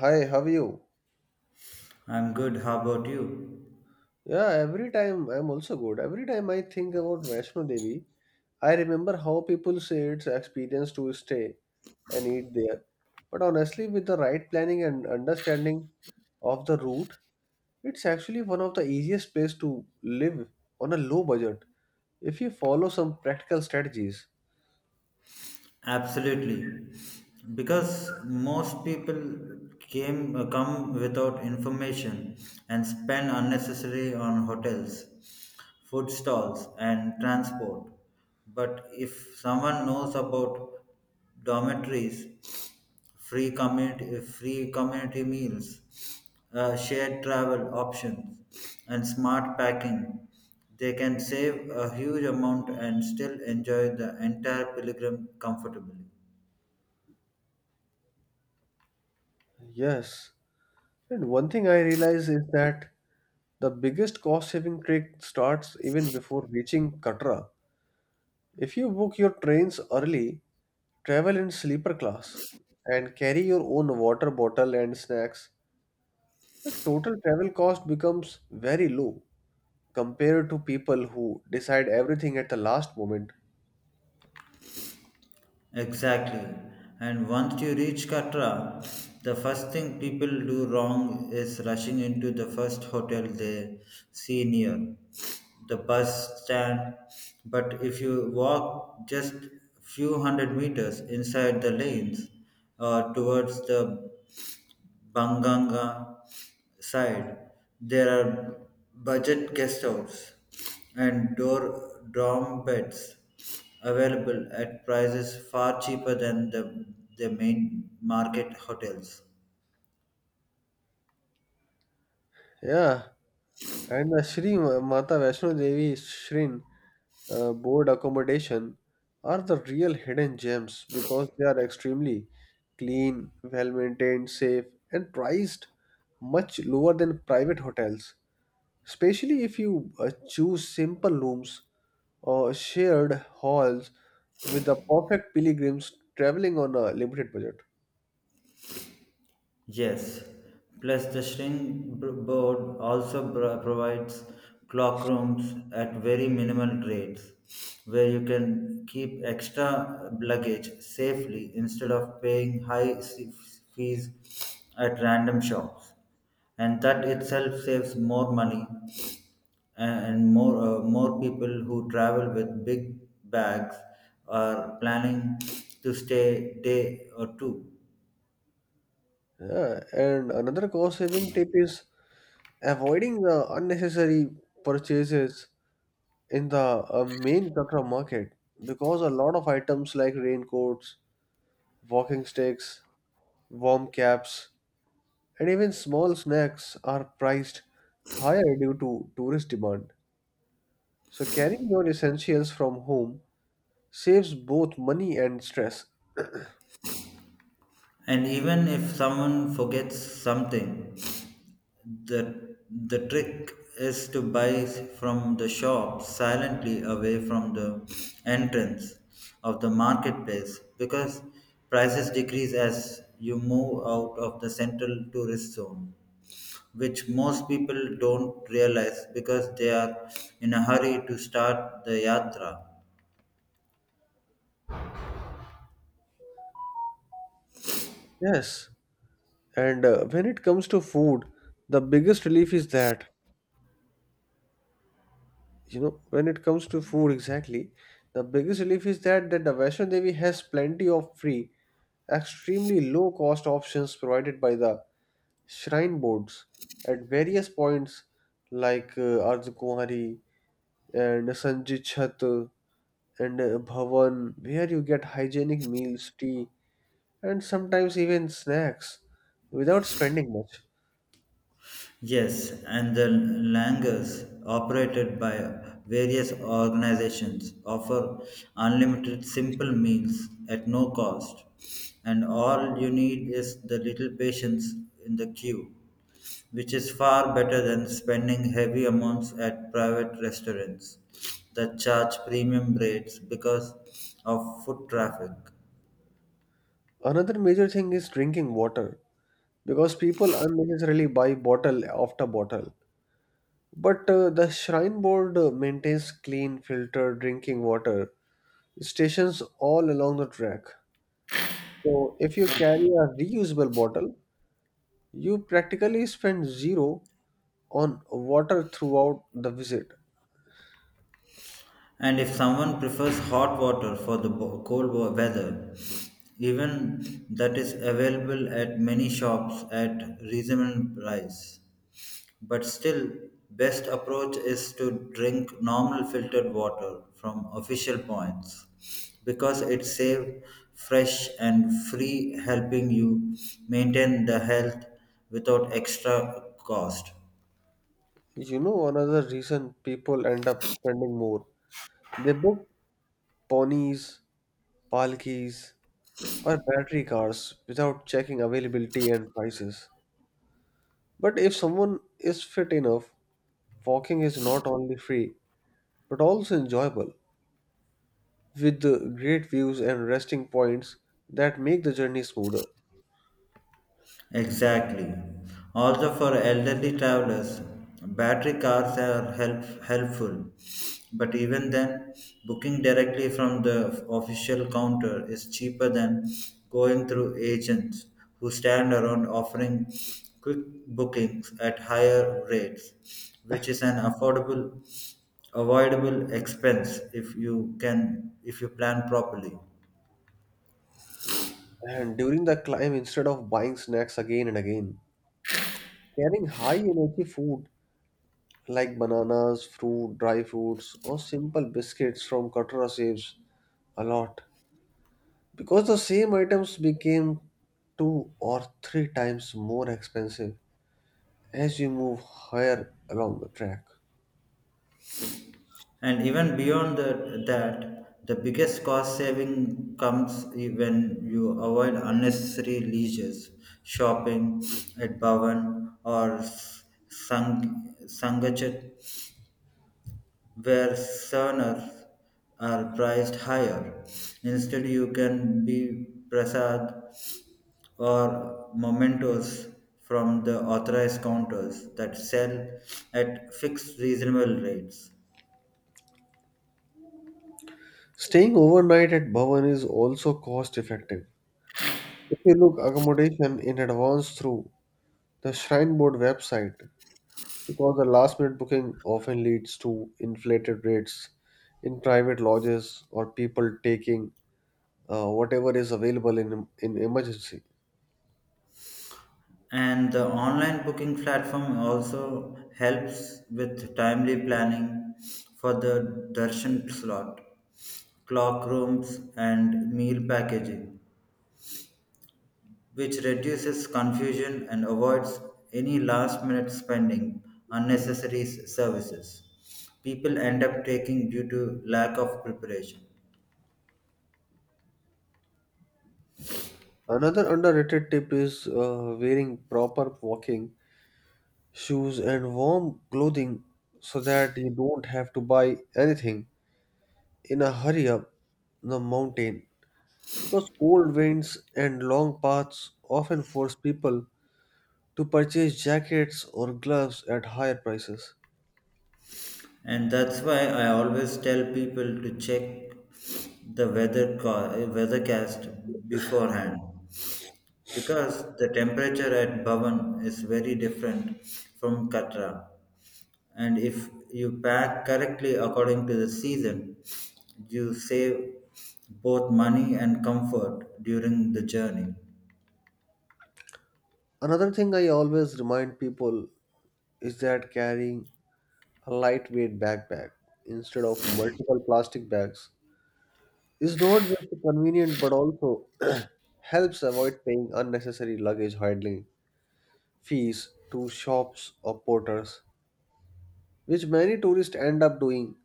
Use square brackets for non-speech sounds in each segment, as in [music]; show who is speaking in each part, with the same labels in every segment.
Speaker 1: Hi, how are you?
Speaker 2: I'm good. How about you?
Speaker 1: Yeah, every time I'm also good. Every time I think about Vaishno Devi, I remember how people say it's experience to stay and eat there. But honestly, with the right planning and understanding of the route, it's actually one of the easiest place to live on a low budget if you follow some practical strategies.
Speaker 2: Absolutely. Because most people came come without information and spend unnecessary on hotels, food stalls and transport. But if someone knows about dormitories free community meals, shared travel options, and smart packing. They can save a huge amount and still enjoy the entire pilgrim comfortably.
Speaker 1: Yes. And one thing I realize is that the biggest cost saving trick starts even before reaching Katra. If you book your trains early, travel in sleeper class, and carry your own water bottle and snacks, the total travel cost becomes very low compared to people who decide everything at the last moment.
Speaker 2: Exactly. And once you reach Katra, the first thing people do wrong is rushing into the first hotel they see near the bus stand. But if you walk just few hundred meters inside the lanes or towards the Banganga side, there are budget guest house and door dorm beds available at prices far cheaper than the main market hotels.
Speaker 1: Yeah, and the Shri Ma- Mata Vaishno Devi Shrin board accommodation are the real hidden gems because they are extremely clean, well maintained, safe, and priced much lower than private hotels, especially if you choose simple rooms or shared halls with the perfect pilgrims traveling on a limited budget.
Speaker 2: Yes, plus the board also provides clock rooms at very minimal rates where you can keep extra luggage safely instead of paying high fees at random shops. And that itself saves more money and more people who travel with big bags are planning to stay day or two.
Speaker 1: Yeah, and another cost saving tip is avoiding the unnecessary purchases in the main Katra market because a lot of items like raincoats, walking sticks, warm caps, and even small snacks are priced higher due to tourist demand. So carrying your essentials from home saves both money and stress.
Speaker 2: And even if someone forgets something, the trick is to buy from the shop silently away from the entrance of the marketplace because prices decrease as you move out of the central tourist zone, which most people don't realize because they are in a hurry to start the yatra.
Speaker 1: Yes, and when it comes to food, the biggest relief is that when it comes to food exactly, the biggest relief is that the Vaishno Devi has plenty of free, extremely low cost options provided by the shrine boards at various points like Ardhkumari and Sanjit Chhat and Bhavan, where you get hygienic meals, tea, and sometimes even snacks without spending much.
Speaker 2: Yes, and the langers operated by various organizations offer unlimited simple meals at no cost, and all you need is the little patience in the queue, which is far better than spending heavy amounts at private restaurants that charge premium rates because of foot traffic.
Speaker 1: Another major thing is drinking water because people unnecessarily buy bottle after bottle. But the Shrine Board maintains clean, filtered drinking water stations all along the track. So if you carry a reusable bottle, you practically spend zero on water throughout the visit.
Speaker 2: And if someone prefers hot water for the weather, even that is available at many shops at reasonable price. But still, best approach is to drink normal filtered water from official points because it's safe, fresh and free helping you maintain the health without extra cost.
Speaker 1: You know, another reason people end up spending more. They book ponies palkis, or battery cars without checking availability and prices. But if someone is fit enough, walking is not only free but also enjoyable, with the great views and resting points that make the journey smoother.
Speaker 2: Exactly. Also, for elderly travelers, battery cars are helpful. But even then, booking directly from the official counter is cheaper than going through agents who stand around offering quick bookings at higher rates, which is an avoidable expense if you plan properly.
Speaker 1: And during the climb, instead of buying snacks again and again, carrying high energy food like bananas, fruit, dry fruits, or simple biscuits from Katra saves a lot, because the same items became two or three times more expensive as you move higher along the track.
Speaker 2: And even beyond the biggest cost saving comes when you avoid unnecessary leisures, shopping at Bhavan or Sangachat, where saunas are priced higher. Instead, you can be prasad or mementos from the authorized counters that sell at fixed reasonable rates.
Speaker 1: Staying overnight at Bhavan is also cost effective if you look accommodation in advance through the Shrine Board website, because the last minute booking often leads to inflated rates in private lodges or people taking whatever is available in emergency.
Speaker 2: And the online booking platform also helps with timely planning for the darshan slot, clock rooms, and meal packaging, which reduces confusion and avoids any last minute spending unnecessary services people end up taking due to lack of preparation.
Speaker 1: Another underrated tip is wearing proper walking shoes, and warm clothing so that you don't have to buy anything in a hurry up the mountain because cold winds and long paths often force people to purchase jackets or gloves at higher prices.
Speaker 2: And that's why I always tell people to check the weathercast beforehand because the temperature at Bhavan is very different from Katra. And if you pack correctly according to the season, you save both money and comfort during the journey.
Speaker 1: Another thing I always remind people is that carrying a lightweight backpack instead of multiple plastic bags is not just convenient but also [clears throat] helps avoid paying unnecessary luggage handling fees to shops or porters, which many tourists end up doing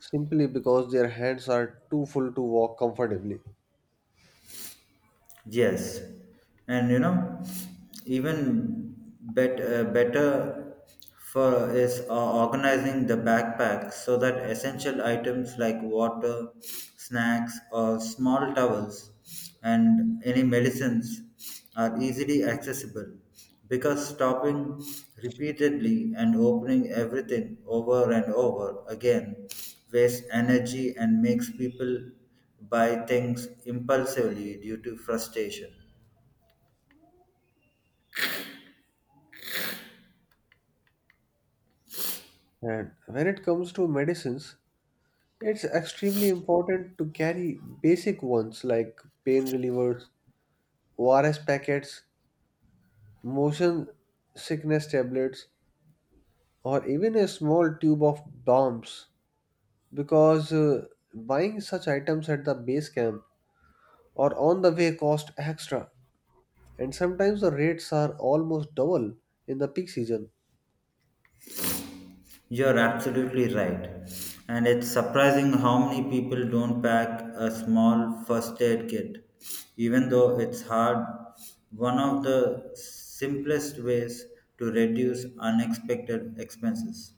Speaker 1: simply because their hands are too full to walk comfortably.
Speaker 2: Yes, and you know, better for is organizing the backpack so that essential items like water, snacks, or small towels, and any medicines are easily accessible because stopping repeatedly and opening everything over and over again wastes energy and makes people buy things impulsively due to frustration.
Speaker 1: And when it comes to medicines, it's extremely important to carry basic ones like pain relievers, ORS packets, motion sickness tablets, or even a small tube of bombs because buying such items at the base camp or on the way cost extra, and sometimes the rates are almost double in the peak season.
Speaker 2: You're absolutely right. And it's surprising how many people don't pack a small first aid kit, even though it's hard. One of the simplest ways to reduce unexpected expenses.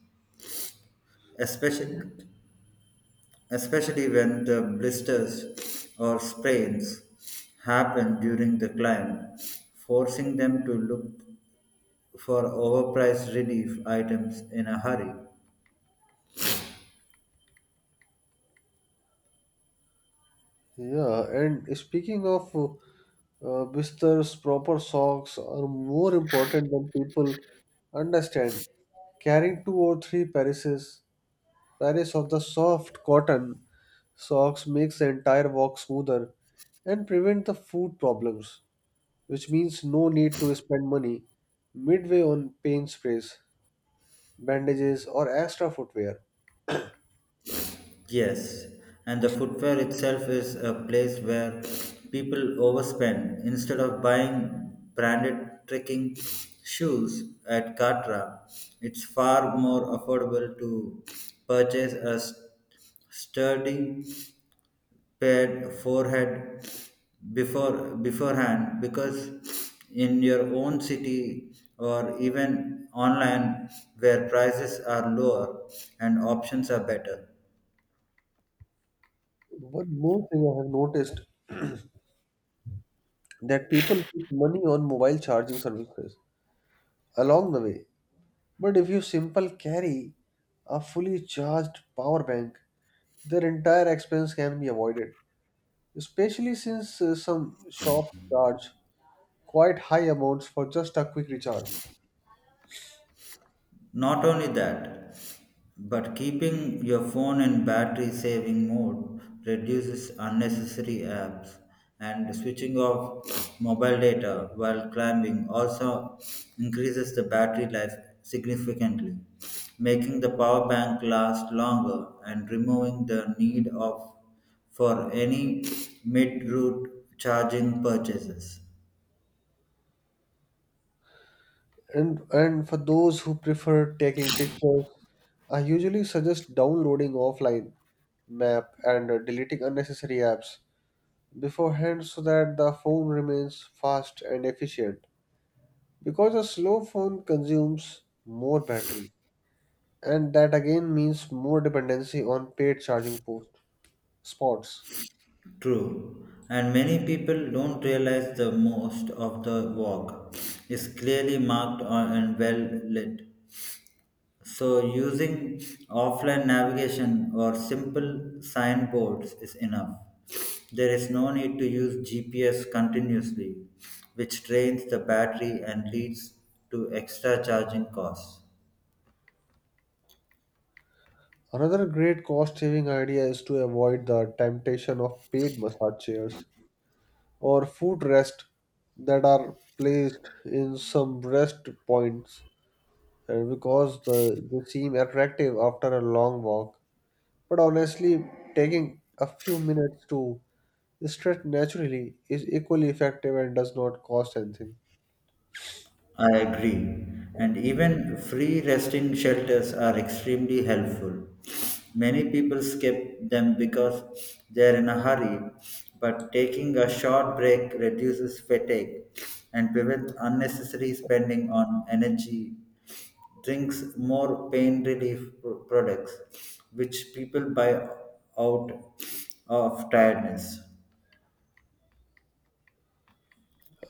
Speaker 2: especially Especially when the blisters or sprains happen during the climb, forcing them to look for overpriced relief items in a hurry.
Speaker 1: Yeah, and speaking of Bister's, proper socks are more important than people understand. Carrying two or three pairs, pairs of the soft cotton socks makes the entire walk smoother and prevent the food problems, which means no need to spend money midway on pain sprays, bandages, or extra footwear.
Speaker 2: Yes, and the footwear itself is a place where people overspend instead of buying branded trekking shoes at Katra. It's far more affordable to purchase a sturdy prepared forehead beforehand because in your own city or even online where prices are lower and options are better.
Speaker 1: One more thing I have noticed that people put money on mobile charging services along the way. But if you simple carry a fully charged power bank, their entire expense can be avoided. Especially since some shops charge quite high amounts for just a quick recharge.
Speaker 2: Not only that, but keeping your phone in battery saving mode reduces unnecessary apps and switching off mobile data while climbing also increases the battery life significantly, making the power bank last longer and removing the need of for any mid-route charging purchases.
Speaker 1: And for those who prefer taking pictures, I usually suggest downloading offline map and deleting unnecessary apps beforehand so that the phone remains fast and efficient, because a slow phone consumes more battery and that again means more dependency on paid charging spots.
Speaker 2: True, and many people don't realize the most of the walk is clearly marked on- and well lit. So, using offline navigation or simple signboards is enough. There is no need to use GPS continuously, which drains the battery and leads to extra charging costs.
Speaker 1: Another great cost saving idea is to avoid the temptation of paid massage chairs or foot rest that are placed in some rest points, and because they seem attractive after a long walk, but honestly taking a few minutes to stretch naturally is equally effective and does not cost anything.
Speaker 2: I agree. And even free resting shelters are extremely helpful. Many people skip them because they're in a hurry, but taking a short break reduces fatigue and prevents unnecessary spending on energy drinks, more pain relief products, which people buy out of tiredness.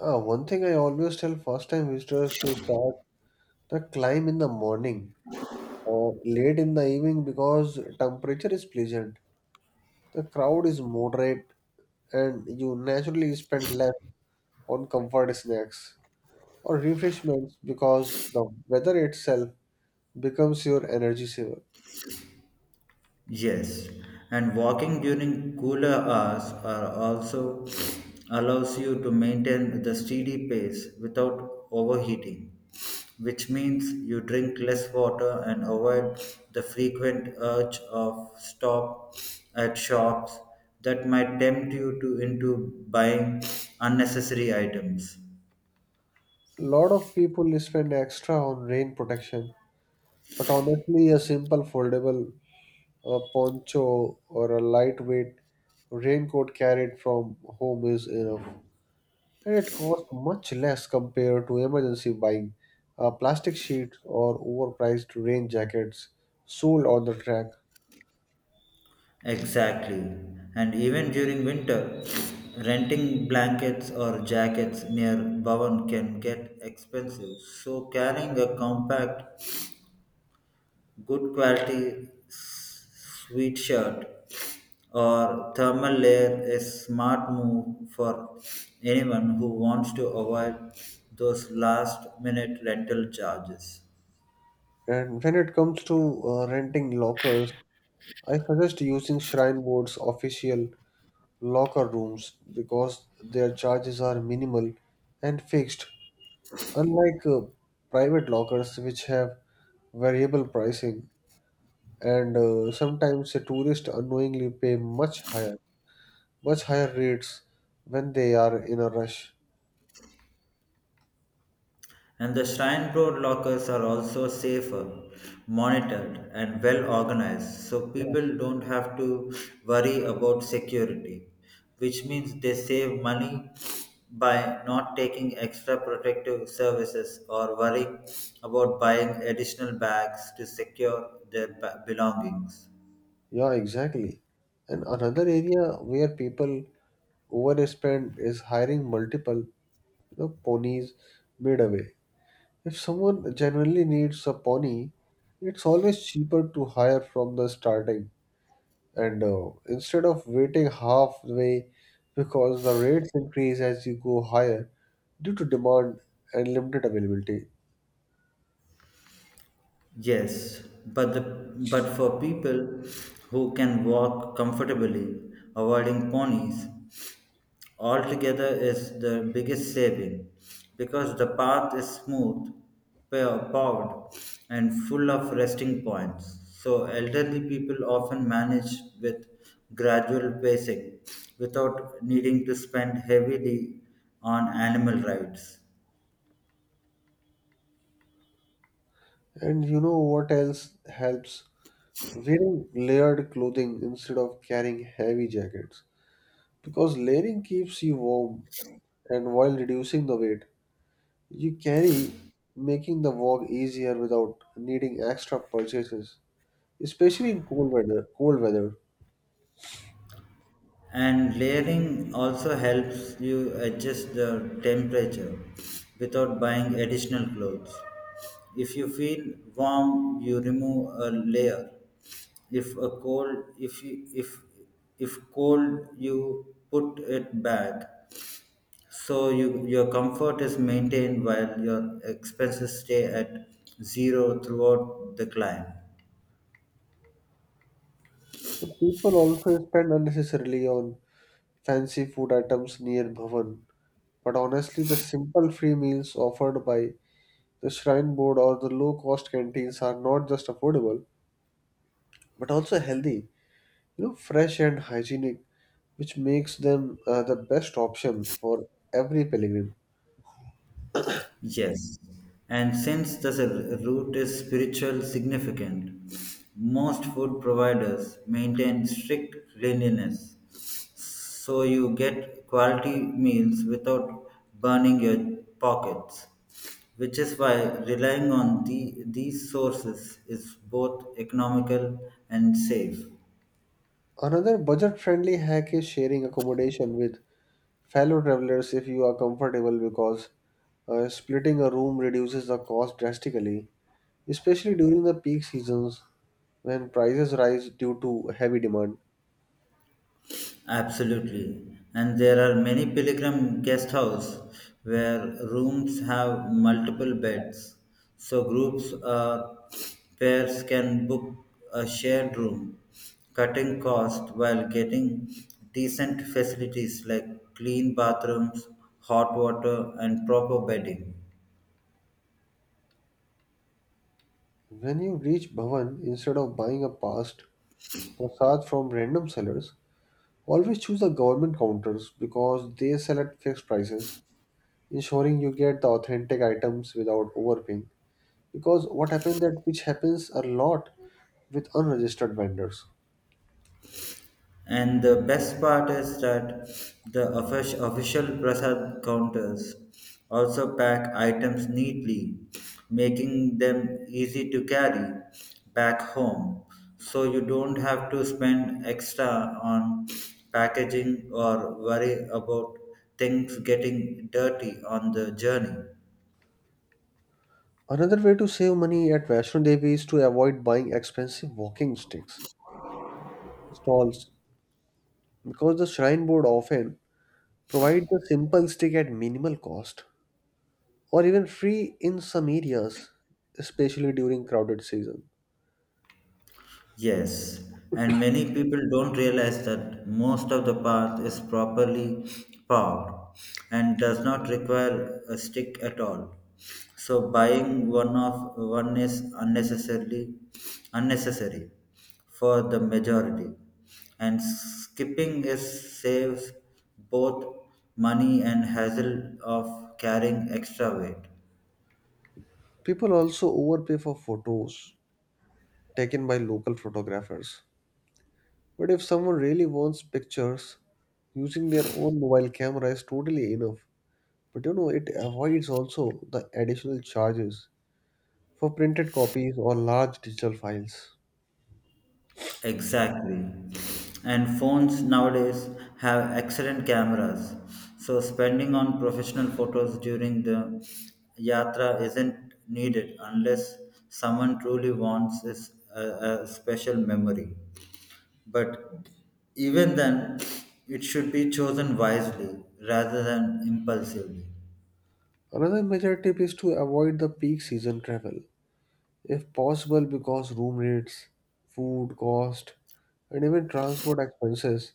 Speaker 1: One thing I always tell first time visitors to start the climb in the morning or late in the evening because temperature is pleasant. The crowd is moderate and you naturally spend less on comfort snacks or refreshments because the weather itself becomes your energy saver.
Speaker 2: Yes, and walking during cooler hours are also allows you to maintain the steady pace without overheating, which means you drink less water and avoid the frequent urge of stop at shops that might tempt you to into buying unnecessary items.
Speaker 1: Lot of people spend extra on rain protection, but honestly, a simple foldable a poncho or a lightweight raincoat carried from home is enough, and it costs much less compared to emergency buying. Plastic sheets or overpriced rain jackets sold on the track.
Speaker 2: Exactly. And even during winter, renting blankets or jackets near Bhavan can get expensive. So carrying a compact, good quality sweet shirt or thermal layer is smart move for anyone who wants to avoid those last minute rental charges.
Speaker 1: And when it comes to renting lockers, I suggest using Shrine Board's official locker rooms because their charges are minimal and fixed, unlike private lockers which have variable pricing, and sometimes a tourist unknowingly pay much higher rates when they are in a rush.
Speaker 2: And the Shrine Board lockers are also safer, monitored, and well organized, so
Speaker 1: Yes.
Speaker 2: people don't have to worry about security, which means they save money by not taking extra protective services or worrying about buying additional bags to secure their belongings.
Speaker 1: Yeah, exactly. And another area where people overspend is hiring multiple ponies midway. If someone genuinely needs a pony, it's always cheaper to hire from the starting and instead of waiting halfway because the rates increase as you go higher due to demand and limited availability.
Speaker 2: Yes, but for people who can walk comfortably, avoiding ponies altogether is the biggest saving because the path is smooth, paved, and full of resting points. So, elderly people often manage with gradual pacing without needing to spend heavily on animal rides.
Speaker 1: And you know what else helps? Wearing layered clothing instead of carrying heavy jackets because layering keeps you warm and while reducing the weight you carry, making the walk easier without needing extra purchases, especially in cold weather. Cold weather.
Speaker 2: And layering also helps you adjust the temperature without buying additional clothes. If you feel warm, you remove a layer. If if cold, you put it back. So your comfort is maintained while your expenses stay at zero throughout the climb.
Speaker 1: So people also spend unnecessarily on fancy food items near Bhavan, but honestly, the simple free meals offered by the shrine board or the low cost canteens are not just affordable but also healthy, you know, fresh and hygienic, which makes them the best option for every pilgrim.
Speaker 2: Yes, and since the root is spiritual significant, most food providers maintain strict cleanliness so you get quality meals without burning your pockets, which is why relying on these sources is both economical and safe.
Speaker 1: Another budget friendly hack is sharing accommodation with fellow travelers if you are comfortable because splitting a room reduces the cost drastically, especially during the peak seasons when prices rise due to heavy demand.
Speaker 2: Absolutely. And there are many pilgrim guest houses where rooms have multiple beds. So groups or pairs can book a shared room, cutting cost while getting decent facilities like clean bathrooms, hot water and proper bedding.
Speaker 1: When you reach Bhavan, instead of buying a past prasad from random sellers, always choose the government counters because they sell at fixed prices, ensuring you get the authentic items without overpaying, because what happens that which happens a lot with unregistered vendors.
Speaker 2: And the best part is that the official prasad counters also pack items neatly, making them easy to carry back home. So you don't have to spend extra on packaging or worry about things getting dirty on the journey.
Speaker 1: Another way to save money at Vaishno Devi is to avoid buying expensive walking sticks stalls because the shrine board often provide the simple stick at minimal cost, or even free in some areas, especially during crowded season.
Speaker 2: Yes, and many people don't realize that most of the path is properly paved and does not require a stick at all. So buying one is unnecessarily unnecessary for the majority, and skipping is saves both money and hassle of carrying extra weight.
Speaker 1: People also overpay for photos taken by local photographers. But if someone really wants pictures, using their own mobile camera is totally enough. But you know, it avoids also the additional charges for printed copies or large digital files.
Speaker 2: Exactly. And phones nowadays have excellent cameras. So spending on professional photos during the yatra isn't needed unless someone truly wants a special memory. But even then, it should be chosen wisely rather than impulsively.
Speaker 1: Another major tip is to avoid the peak season travel, if possible, because room rates, food cost, and even transport expenses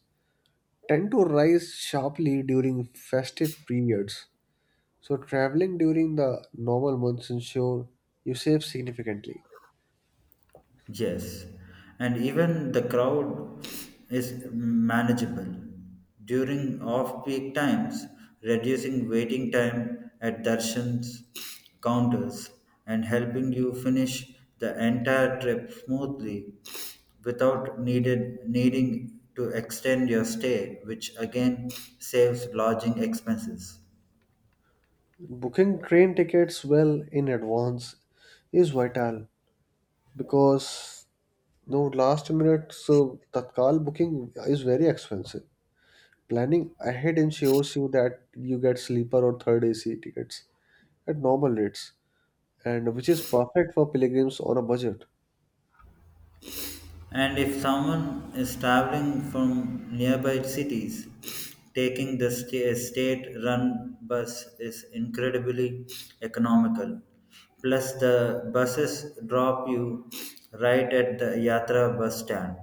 Speaker 1: tend to rise sharply during festive periods. So, traveling during the normal months ensure you save significantly.
Speaker 2: Yes, and even the crowd is manageable during off peak times, reducing waiting time at darshan's counters and helping you finish the entire trip smoothly without needed, needing to extend your stay, which again saves lodging expenses.
Speaker 1: Booking train tickets well in advance is vital because no last minute so tatkal booking is very expensive. Planning ahead ensures you that you get sleeper or third AC tickets at normal rates and which is perfect for pilgrims on a budget.
Speaker 2: And if someone is traveling from nearby cities, taking the state run bus is incredibly economical. Plus, the buses drop you right at the Yatra bus stand,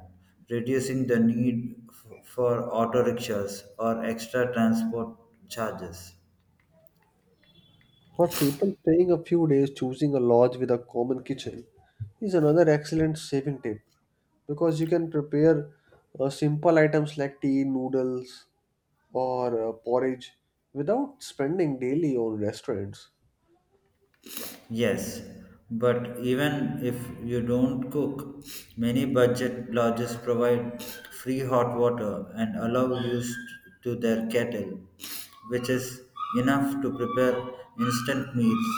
Speaker 2: reducing the need for auto rickshaws or extra transport charges.
Speaker 1: For people staying a few days, choosing a lodge with a common kitchen is another excellent saving tip because you can prepare simple items like tea, noodles, or porridge without spending daily on restaurants.
Speaker 2: Yes, but even if you don't cook, many budget lodges provide free hot water and allow use to their kettle, which is enough to prepare instant meals.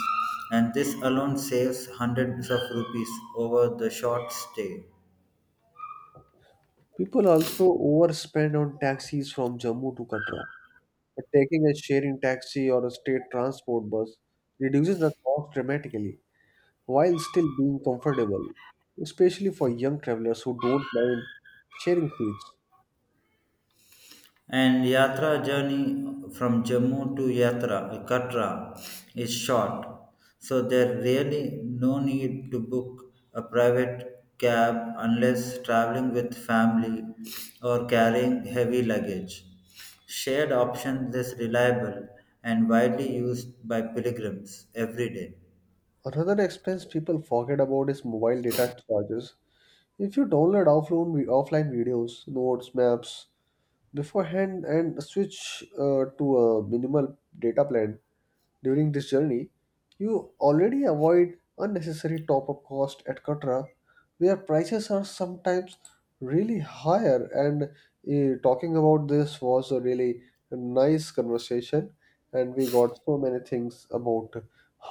Speaker 2: And this alone saves hundreds of rupees over the short stay.
Speaker 1: People also overspend on taxis from Jammu to Katra, but taking a sharing taxi or a state transport bus reduces the cost dramatically while still being comfortable, especially for young travelers who don't mind sharing seats.
Speaker 2: And Yatra journey from Jammu to Katra is short, so there really no need to book a private cab unless traveling with family or carrying heavy luggage. Shared options is reliable and widely used by pilgrims every day.
Speaker 1: Another expense people forget about is mobile data charges. If you download offline, offline videos, notes, maps beforehand, and switch to a minimal data plan during this journey, you already avoid unnecessary top up cost, etc., where prices are sometimes really higher. And talking about this was a really nice conversation, and we got so many things about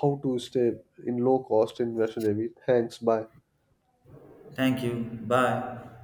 Speaker 1: how to stay in low cost in Vaishno Devi. Thanks, bye.
Speaker 2: Thank you. Bye.